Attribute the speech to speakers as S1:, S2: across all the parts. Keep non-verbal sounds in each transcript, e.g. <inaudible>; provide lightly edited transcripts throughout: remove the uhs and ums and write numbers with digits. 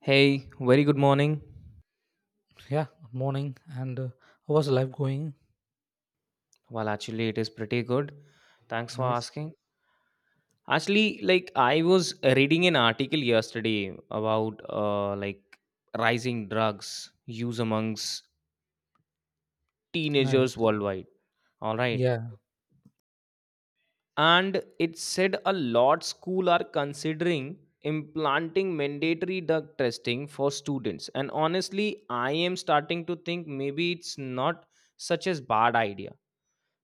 S1: Hey, very good morning.
S2: Yeah, morning. And how was life going?
S1: Well, actually, it is pretty good. Thanks for
S2: Nice,
S1: asking. Actually, I was reading an article yesterday about rising drugs use amongst
S2: nice.
S1: teenagers worldwide. All right,
S2: Yeah.
S1: and it said a lot school are considering implanting mandatory drug testing for students. And honestly, I am starting to think maybe it's not such as bad idea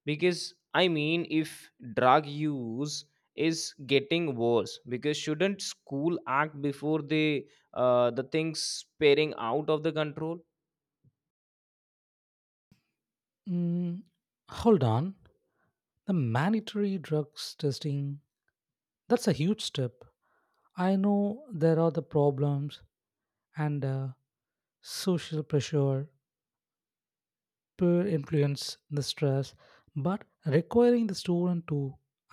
S1: because I mean if drug use is getting worse because shouldn't school act before they the things sparing out of the control.
S2: Mm, hold on. The mandatory drugs testing, that's a huge step. I know there are the problems and social pressure, peer influence, the stress, but requiring the student to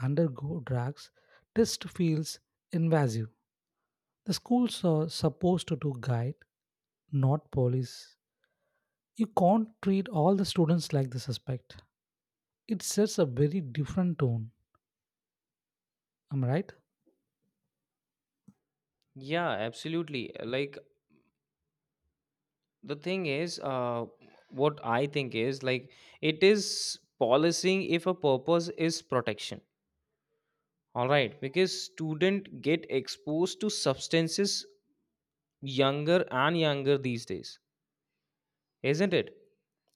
S2: undergo drugs test feels invasive. The schools are supposed to do guide, not police. You can't treat all the students like the suspect. It sets a very different tone. Am I right?
S1: Yeah, absolutely. like the thing is, what I think is like it is policing if a purpose is protection. All right, because student get exposed to substances younger and younger these days, isn't it?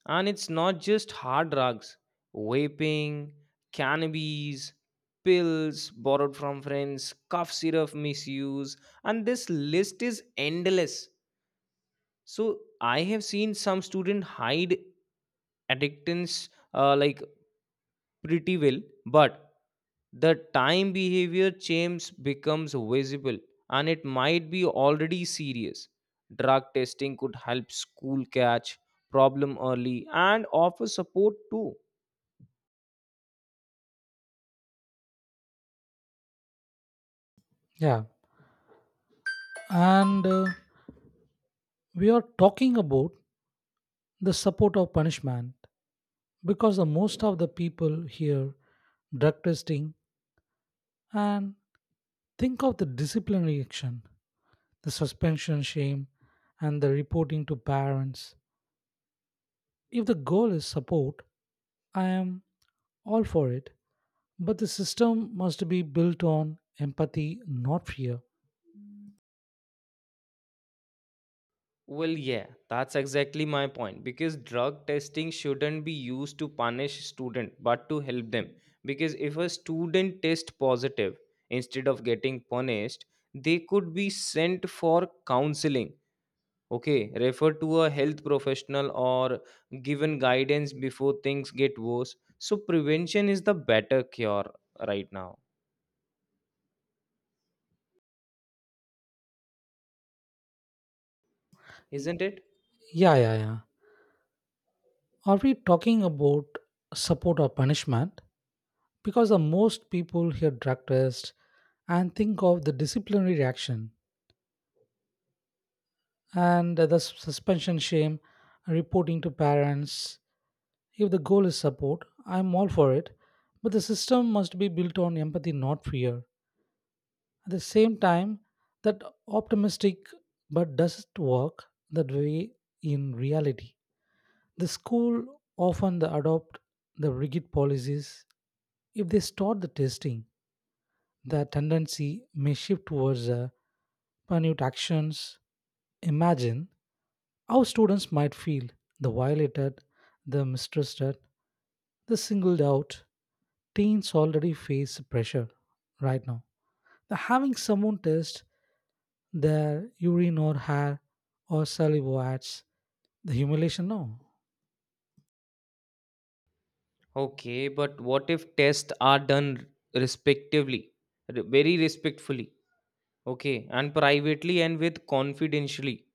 S1: And it's not just hard drugs, vaping, cannabis, pills borrowed from friends, cough syrup misuse, and this list is endless. So I have seen some student hide addictions, pretty well, but the time behavior change becomes visible and it might be already serious. Drug testing could help school catch problem early and offer support too.
S2: Yeah. And we are talking about the support of punishment because the most of the people here drug testing and think of the disciplinary action, the suspension shame, and the reporting to parents. If the goal is support, I am all for it. But the system must be built on empathy, not fear.
S1: Well, yeah, that's exactly my point because drug testing shouldn't be used to punish student but to help them because if a student test positive instead of getting punished, they could be sent for counseling. Okay, refer to a health professional or given guidance before things get worse. So, prevention is the better cure right now, isn't it?
S2: Yeah, yeah, yeah. Are we talking about support or punishment? Because the most people hear drug test and think of the disciplinary reaction and the suspension shame, reporting to parents. If the goal is support, I'm all for it, but the system must be built on empathy, not fear. At the same time, that optimistic but does it work that way in reality? The school often the adopt the rigid policies. If they start the testing, the tendency may shift towards minute actions. Imagine how students might feel the violated, the mistrusted, the singled out. Teens already face pressure right now. The having someone test their urine or hair or saliva adds the humiliation now.
S1: Okay, but what if tests are done respectively, very respectfully, okay, and privately and with confidentially,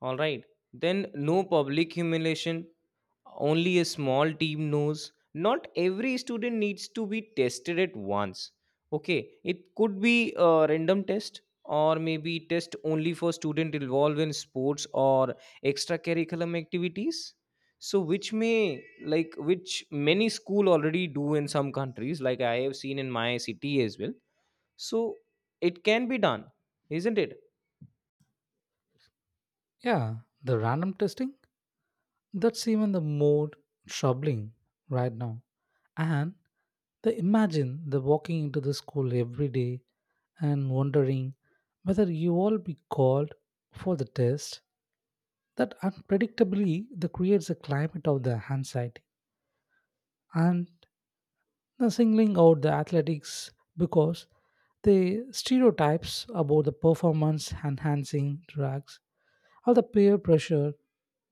S1: all right? Then no public humiliation. Only a small team knows. Not every student needs to be tested at once. Okay, it could be a random test or maybe test only for student involved in sports or extracurriculum activities. So which may which many school already do in some countries like I have seen in my city as well. So it can be done, isn't it?
S2: Yeah, the random testing. That's even the more troubling right now. And the imagine the walking into the school every day and wondering whether you all be called for the test. That unpredictably that creates a climate of the anxiety and the singling out the athletics because the stereotypes about the performance enhancing drugs or the peer pressure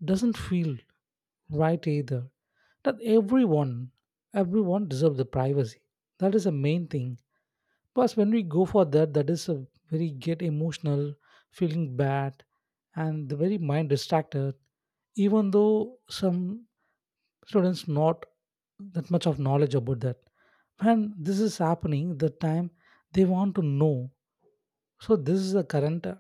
S2: doesn't feel right either that everyone deserves the privacy. That is the main thing. Plus, when we go for that, that is a very get emotional, feeling bad, and the very mind distracted. Even though some students not that much of knowledge about that, when this is happening, the time they want to know. So this is the current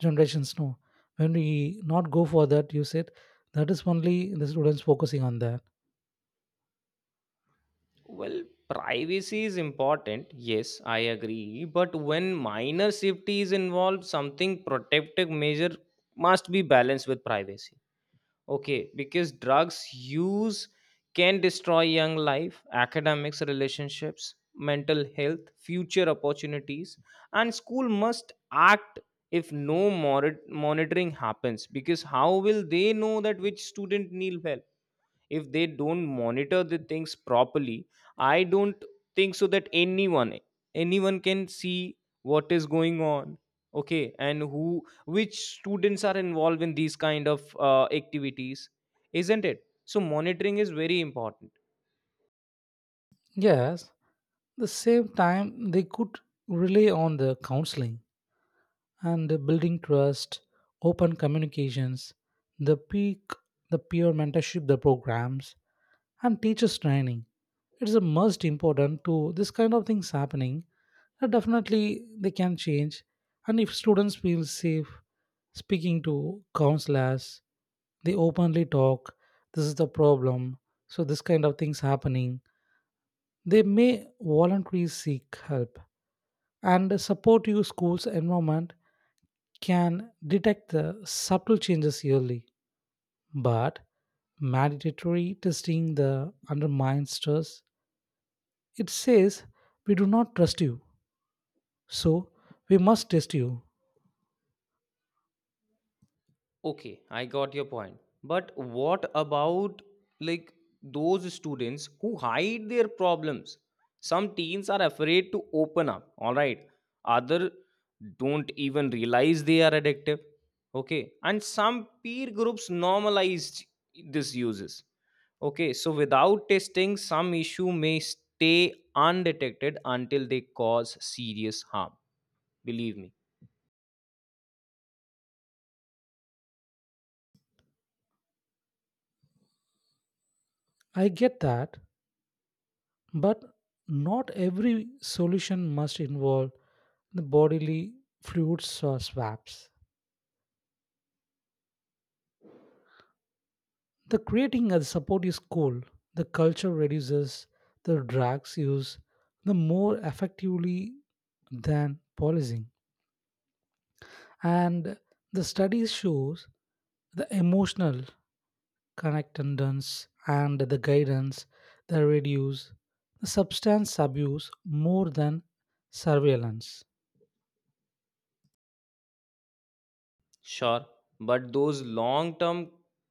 S2: generations know. When we not go for that, you said that is only the students focusing on that.
S1: Well, privacy is important. Yes, I agree. But when minor safety is involved, something protective measure must be balanced with privacy. Okay, because drugs use can destroy young life, academics, relationships, mental health, future opportunities, and school must act if no monitoring happens. Because how will they know that which student need help? If they don't monitor the things properly, I don't think so that anyone can see what is going on. Okay, and who, which students are involved in these kind of activities, isn't it? So monitoring is very important.
S2: Yes, the same time they could rely on the counseling and building trust, open communications, the peak, the peer mentorship, the programs, and teachers training. It is the most important to this kind of things happening. That Definitely, they can change, and if students feel safe speaking to counselors, they openly talk. This is the problem. So this kind of things happening. They may voluntarily seek help and support you schools environment can detect the subtle changes early, but mandatory testing the undermines trust. It says we do not trust you, so we must test you.
S1: Okay, I got your point. But what about like those students who hide their problems? Some teens are afraid to open up, all right. Other don't even realize they are addictive. Okay. And some peer groups normalize these uses. Okay, so without testing, some issue may stay undetected until they cause serious harm. Believe me.
S2: I get that, but not every solution must involve the bodily fluids or swabs. The creating a support is cool. The culture reduces the drugs use the more effectively than policing. And the studies shows the emotional connectedness and the guidance that reduce the substance abuse more than surveillance.
S1: Sure, but those long-term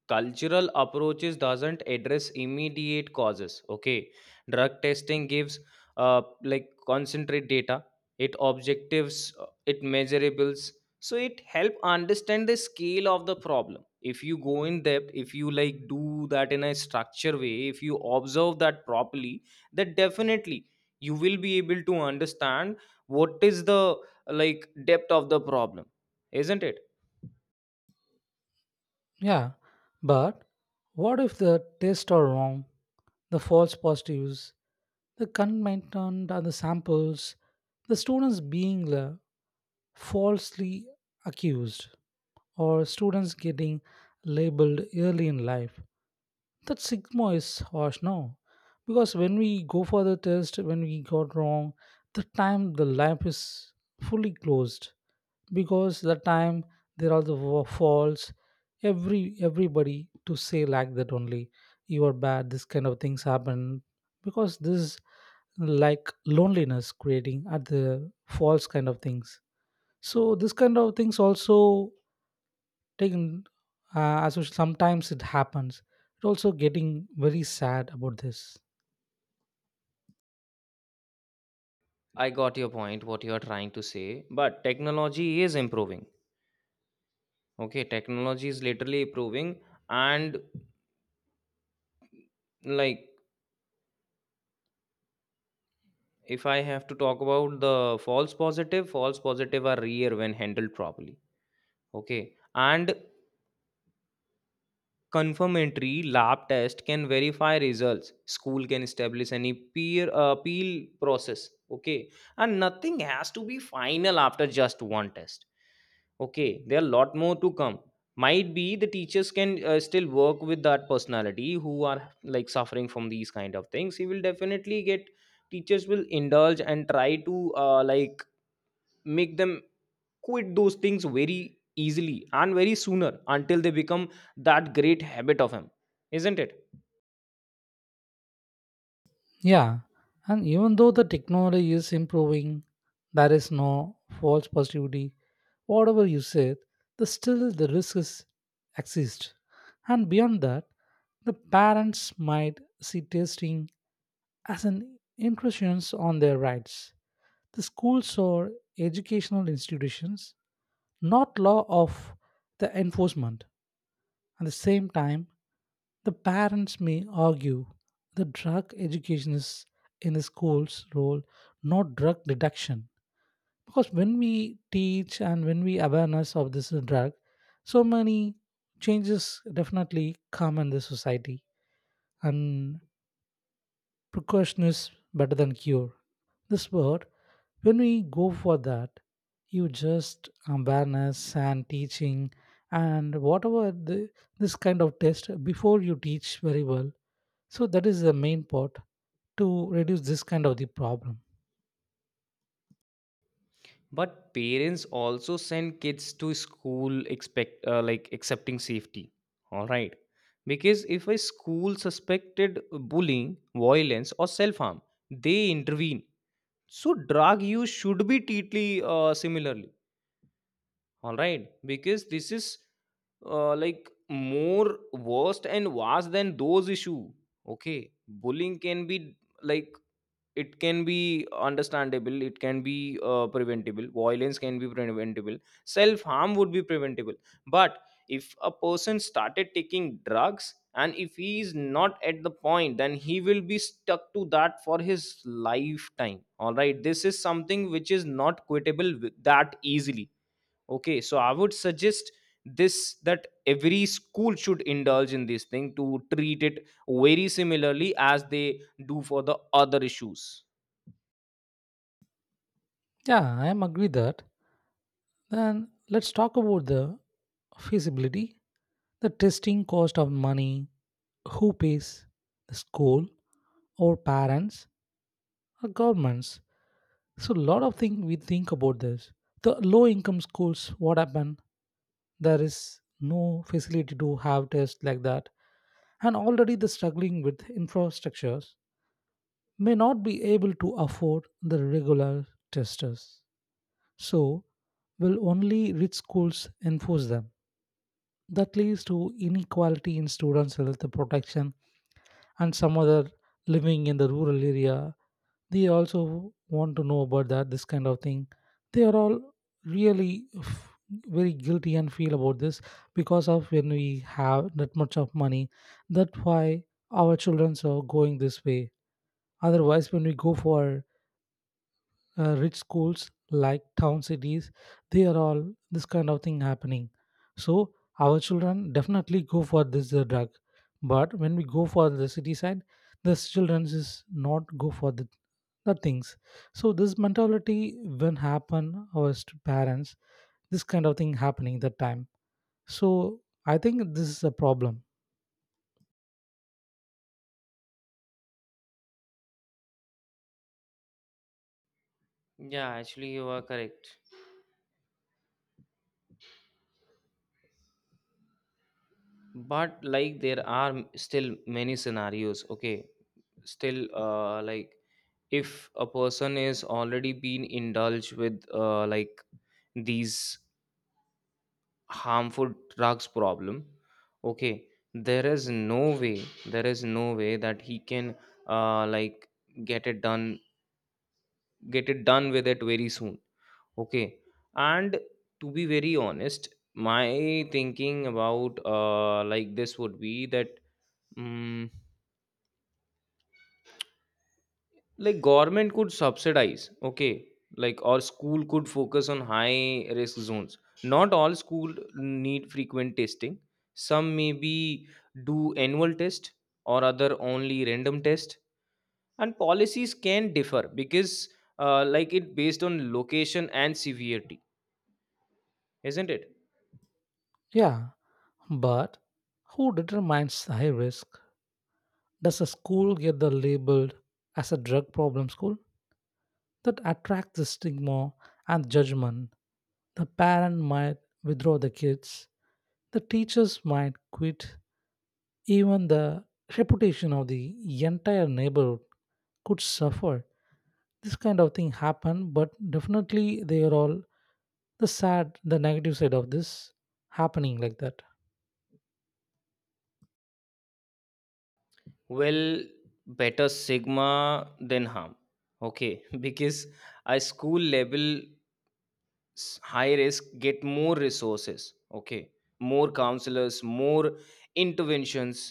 S1: cultural approaches doesn't address immediate causes. Okay, drug testing gives concentrate data. It objectives, it measurables, so it help understand the scale of the problem. If you go in depth, if you do that in a structure way, if you observe that properly, then definitely you will be able to understand what is the depth of the problem, isn't it?
S2: Yeah, but what if the tests are wrong, the false positives, the contaminant and the samples, the students being falsely accused or students getting labeled early in life. That stigma is harsh now because when we go for the test, when we got wrong, the time the lab is fully closed because the time there are the faults everybody to say like that only you are bad, this kind of things happen because this like loneliness creating at the false kind of things. So this kind of things also taken as usual, sometimes it happens, it also getting very sad about this.
S1: I got your point, what you are trying to say, but technology is improving. Okay, technology is literally improving. And like, if I have to talk about the false positive are rare when handled properly. Okay, and confirmatory lab test can verify results. School can establish any peer appeal process. Okay, and nothing has to be final after just one test. Okay, there are a lot more to come. Might be the teachers can still work with that personality who are suffering from these kind of things. He will definitely get, teachers will indulge and try to make them quit those things very easily and very sooner until they become that great habit of him, isn't it?
S2: Yeah, and even though the technology is improving, there is no false positivity whatever you said, the still the risk is exist. And beyond that, the parents might see testing as an intrusion on their rights, the schools or educational institutions not law of the enforcement. At the same time, the parents may argue that drug education is in the school's role, not drug reduction. Because when we teach and when we awareness of this drug, so many changes definitely come in the society. And precaution is better than cure. This word, when we go for that, you just awareness and teaching and whatever the, this kind of test before you teach very well. So that is the main part to reduce this kind of the problem.
S1: But parents also send kids to school expect accepting safety, all right, because if a school suspected bullying violence or self harm they intervene, so drug use should be treated similarly, all right, because this is more worst and worse than those issue. Okay, bullying can be like it can be understandable, it can be preventable, violence can be preventable, self harm would be preventable, but if a person started taking drugs and if he is not at the point then he will be stuck to that for his lifetime. All right, this is something which is not quittable with that easily. Okay, so I would suggest this that every school should indulge in this thing to treat it very similarly as they do for the other issues.
S2: Yeah, I am agree that. Then let's talk about the feasibility, the testing cost of money, who pays, the school, or parents, or governments. So a lot of things we think about this. The low income schools, what happened? There is no facility to have tests like that. And already the struggling with infrastructures may not be able to afford the regular testers. So will only rich schools enforce them? That leads to inequality in students' health protection and some other living in the rural area. They also want to know about that, this kind of thing. They are all really very guilty and feel about this because of when we have that much of money. That's why our children are going this way. Otherwise, when we go for rich schools like town cities, they are all this kind of thing happening. So our children definitely go for this drug, but when we go for the city side, the children is not go for the things. So this mentality when happen our parents, this kind of thing happening that time. So I think this is a problem.
S1: Yeah, actually, you are correct. But, there are still many scenarios. Okay, still, if a person is already been indulged with, these harmful drugs problem. Okay, there is no way, there is no way that he can uh, like get it done get it done with it very soon. Okay, and to be very honest my thinking about this would be that mm, government could subsidize. Okay, or school could focus on high risk zones. Not all school need frequent testing. Some maybe do annual test or other only random test, and policies can differ because it based on location and severity, isn't it?
S2: Yeah, but who determines high risk? Does a school get the labeled as a drug problem school? That attracts the stigma and judgment. The parent might withdraw the kids. The teachers might quit. Even the reputation of the entire neighborhood could suffer. This kind of thing happened, but definitely they are all the sad, the negative side of this happening like that.
S1: Well, better sigma than harm. Okay, <laughs> because a school level high risk get more resources. Okay, more counselors, more interventions,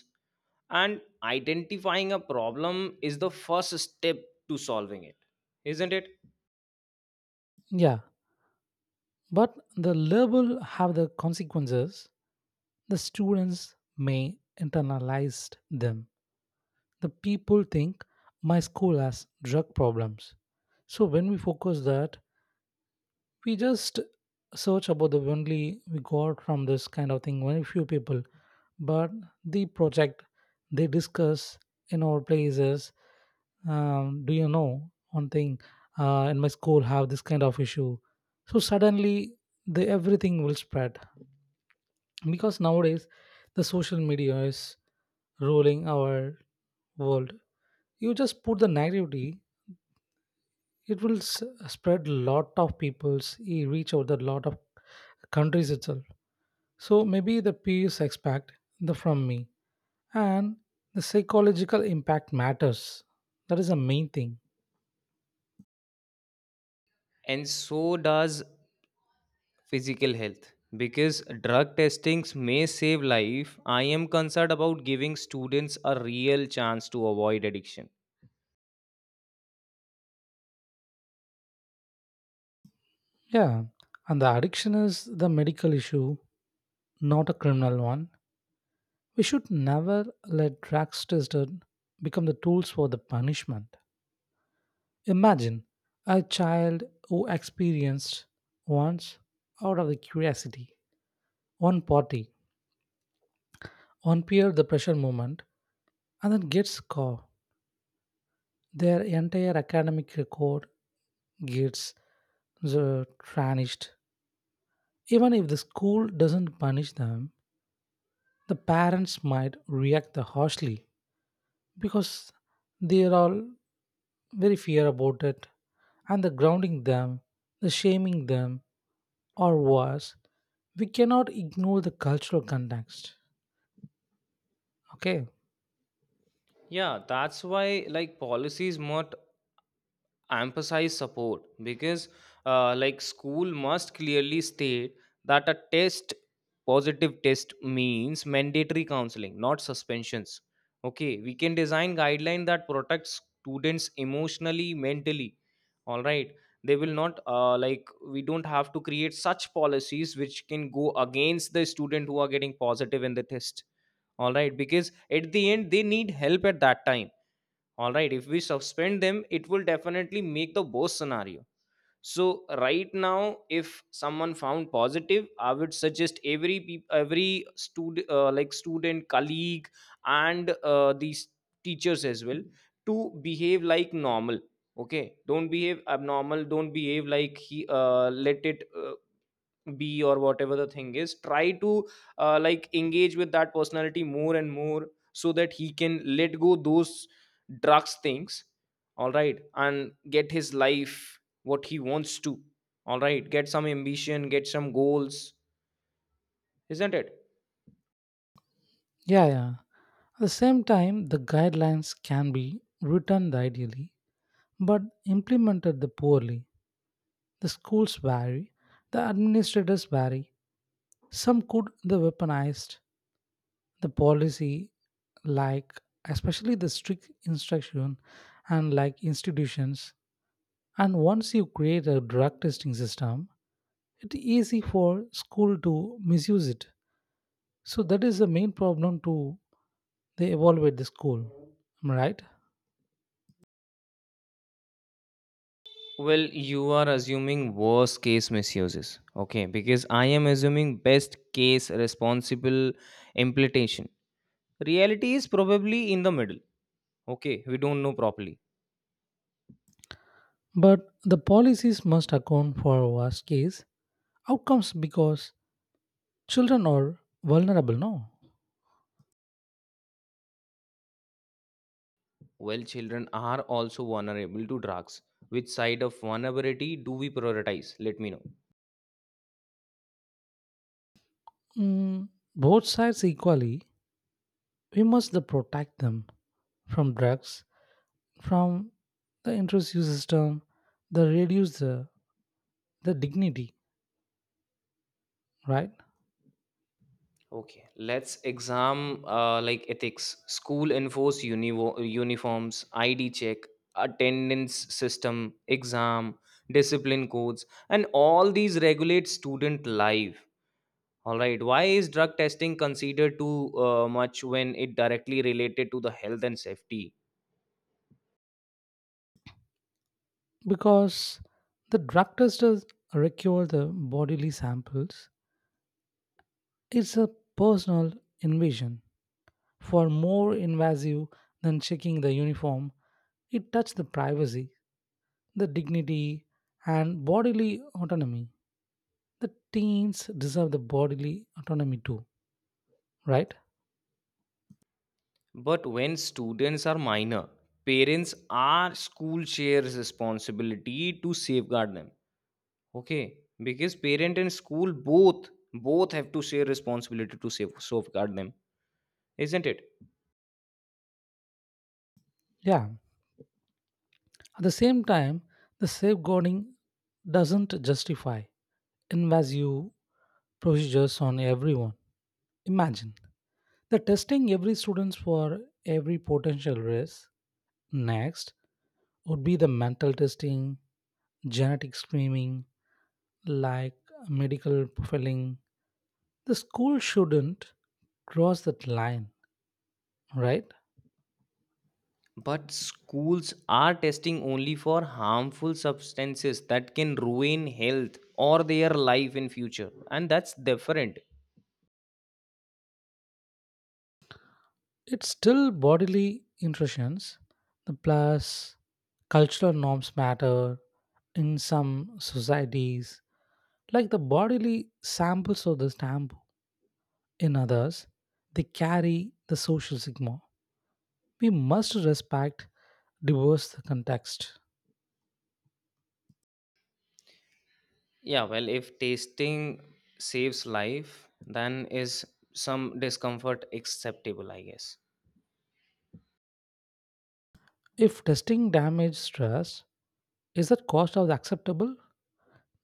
S1: and identifying a problem is the first step to solving it, isn't it?
S2: Yeah. But the label have the consequences. The students may internalize them. The people think my school has drug problems. So when we focus that, we just search about the only we got from this kind of thing. Very few people, but the project they discuss in our places. Do you know one thing, in my school have this kind of issue, so suddenly the everything will spread because nowadays the social media is ruling our world. You just put the negativity, it will spread lot of people's reach out the lot of countries itself. So maybe the peace expect the from me, and the psychological impact matters. That is the main thing.
S1: And so does physical health, because drug testings may save life. I am concerned about giving students a real chance to avoid addiction.
S2: Yeah, and the addiction is the medical issue, not a criminal one. We should never let drugs tested become the tools for the punishment. Imagine a child who experienced once out of the curiosity, one party, one peer the pressure moment, and then gets caught, their entire academic record gets uh, tarnished. Even if the school doesn't punish them, the parents might react harshly because they are all very fear about it, and the grounding them, the shaming them, or worse, we cannot ignore the cultural context. Okay.
S1: Yeah, that's why policies must emphasize support, because school must clearly state that a test positive test means mandatory counseling not suspensions. Okay, we can design guideline that protects students emotionally mentally, all right. They will not, we don't have to create such policies which can go against the student who are getting positive in the test, all right, because at the end they need help at that time. All right, if we suspend them it will definitely make the worst scenario. So right now if someone found positive I would suggest every every student, student colleague and these teachers as well to behave like normal. Okay, don't behave abnormal, don't behave like he let it be or whatever the thing is, try to engage with that personality more and more so that he can let go those drugs things. All right, and get his life what he wants to. All right, get some ambition, get some goals, isn't it?
S2: Yeah, yeah. At the same time, the guidelines can be written ideally, but implemented the poorly. The schools vary, the administrators vary. Some could the weaponized the policy, like especially the strict instruction and like institutions. And once you create a drug testing system, it's easy for school to misuse it. So that is the main problem to they evaluate the school. Am I right?
S1: Well, you are assuming worst case misuses. Okay, because I am assuming best case responsible implementation. Reality is probably in the middle. Okay, we don't know properly.
S2: But the policies must account for worst case outcomes because children are vulnerable, no?
S1: Well, children are also vulnerable to drugs. Which side of vulnerability do we prioritize? Let me know.
S2: Mm, both sides equally we must the protect them from drugs, from the intrusive system, they reduce the dignity, right?
S1: Okay, let's exam like ethics, school enforce uniforms, ID check, attendance system, exam, discipline codes, and all these regulate student life. All right, why is drug testing considered too much when it directly related to the health and safety?
S2: Because the drug test does require the bodily samples. It's a personal invasion, for more invasive than checking the uniform. It touched the privacy, the dignity, and bodily autonomy. The teens deserve the bodily autonomy too, right?
S1: But when students are minor, parents are school shares responsibility to safeguard them. Okay, because parent and school both have to share responsibility to safeguard them, isn't it?
S2: Yeah, at the same time, the safeguarding doesn't justify invasive procedures on everyone. Imagine the testing every students for every potential risk. Next would be the mental testing, genetic screening, like medical profiling. The school shouldn't cross that line, right?
S1: But schools are testing only for harmful substances that can ruin health or their life in future, and that's different.
S2: It's still bodily intrusions. The plus cultural norms matter in some societies, like the bodily samples of the stamp. In others, they carry the social sigma. We must respect diverse context.
S1: Yeah, well, if testing saves life, then is some discomfort acceptable, I guess.
S2: If testing damage trust, is that cost of acceptable?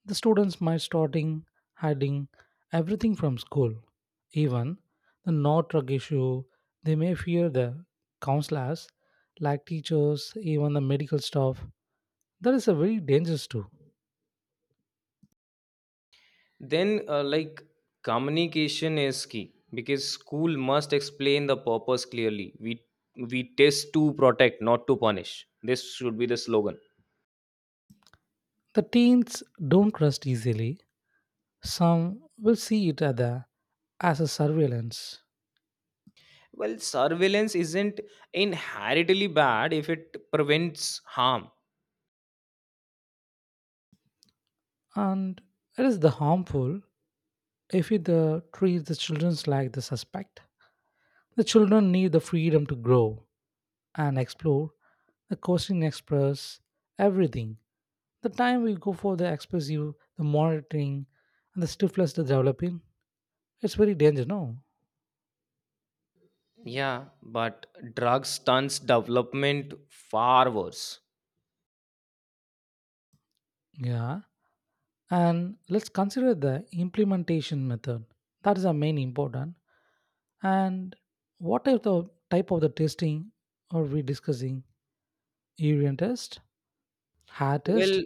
S2: The students might starting hiding everything from school. Even the not drug issue, they may fear the counselors, like teachers, even the medical staff. That is a very dangerous too.
S1: Then, communication is key because school must explain the purpose clearly. We test to protect, not to punish. This should be the slogan.
S2: The teens don't trust easily. Some will see it other as a surveillance,
S1: Well, surveillance isn't inherently bad if it prevents harm.
S2: and it is the harmful if you the, treat the children like the suspect. The children need the freedom to grow and explore. The coasting express everything. The time we go for the expressive, the monitoring, and the stifless the developing, it's very dangerous, no?
S1: Yeah, but drug stunts development far worse.
S2: Yeah. And let's consider the implementation method. That is the main important. And what is the type of the testing are we discussing? Urine test, hair test,
S1: Well,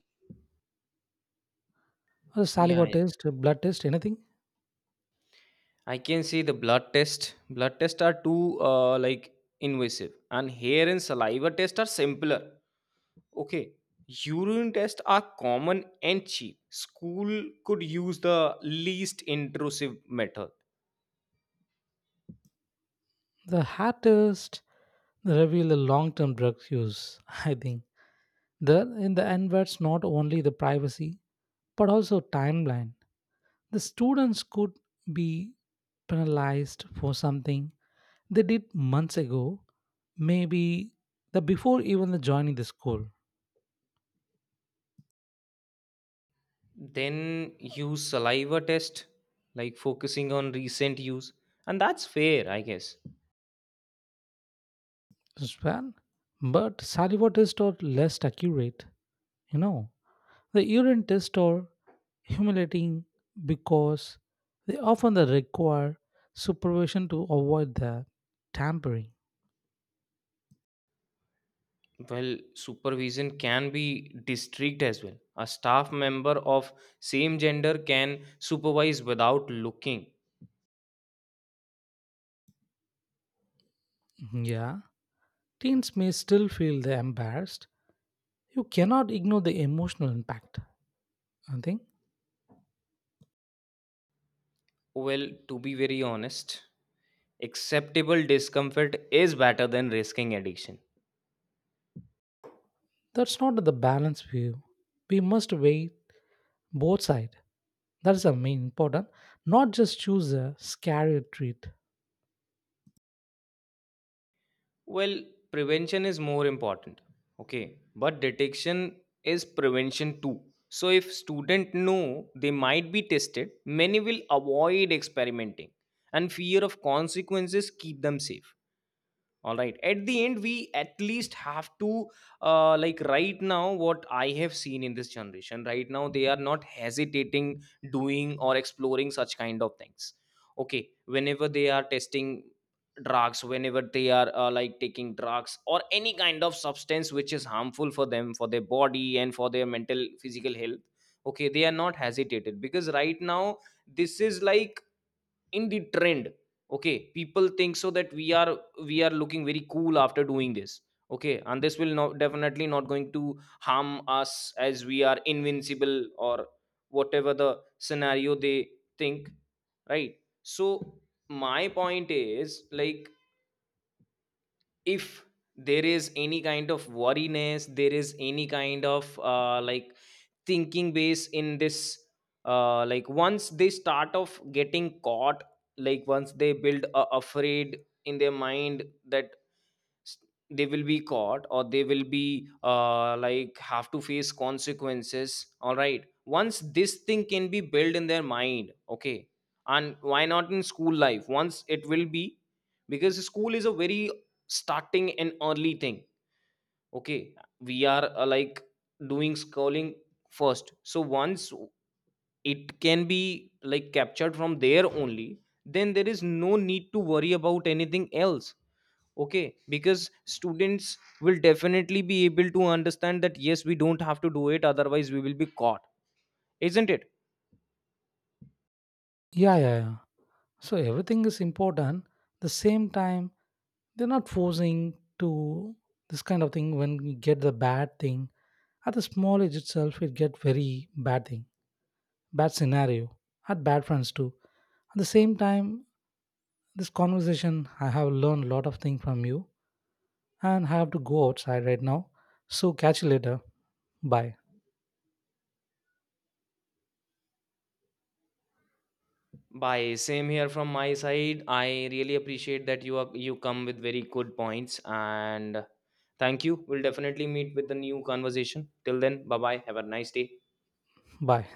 S2: or saliva
S1: yeah.
S2: test, blood test, anything?
S1: I can see the blood test. Blood tests are too invasive, and hair and saliva tests are simpler. Okay, urine tests are common and cheap. School could use the least intrusive method.
S2: The hair test they reveal the long-term drug use. <laughs> I think there in the end, that's not only the privacy but also timeline. The students could be penalized for something they did months ago, maybe the before even the joining the school.
S1: Then use saliva test, focusing on recent use. And that's fair, I guess.
S2: Well, but saliva tests are less accurate, you know. The urine tests are humiliating because they often they require supervision to avoid the tampering.
S1: Well, supervision can be district as well. A staff member of same gender can supervise without looking.
S2: Mhm. Yeah, teens may still feel they embarrassed. You cannot ignore the emotional impact. I think
S1: Well, to be very honest, acceptable discomfort is better than risking addiction.
S2: that's not the balanced view. We must weigh both sides. That's the main important. Not just choose a scary treat.
S1: Well, prevention is more important. Okay. But detection is prevention too. So if student know they might be tested, many will avoid experimenting and fear of consequences keep them safe. All right, at the end we at least have to, right now what I have seen in this generation right now they are not hesitating doing or exploring such kind of things. Okay, whenever they are testing drugs, whenever they are taking drugs or any kind of substance which is harmful for them, for their body and for their mental physical health. Okay, they are not hesitated because right now this is in the trend. Okay, people think so that we are looking very cool after doing this. Okay, and this will not definitely not going to harm us as we are invincible or whatever the scenario they think, right? So my point is like if there is any kind of worriness, there is any kind of thinking base in this, once they start of getting caught, once they build a afraid in their mind that s- they will be caught or they will be have to face consequences. All right, once this thing can be built in their mind, okay, and why not in school life once it will be, because school is a very starting and early thing. Okay, we are doing scrolling first, so once it can be like captured from there only, then there is no need to worry about anything else. Okay, because students will definitely be able to understand that yes we don't have to do it otherwise we will be caught, isn't it?
S2: Yeah, yeah, yeah. So everything is important. The same time, they're not forcing to this kind of thing when you get the bad thing. At the small age itself, it get very bad thing, bad scenario, at bad friends too. At the same time, this conversation, I have learned a lot of things from you and I have to go outside right now. So catch you later. Bye.
S1: Bye. Same here from my side. I really appreciate that you come with very good points and thank you. We'll definitely meet with the new conversation. Till then, bye bye. Have a nice day.
S2: Bye.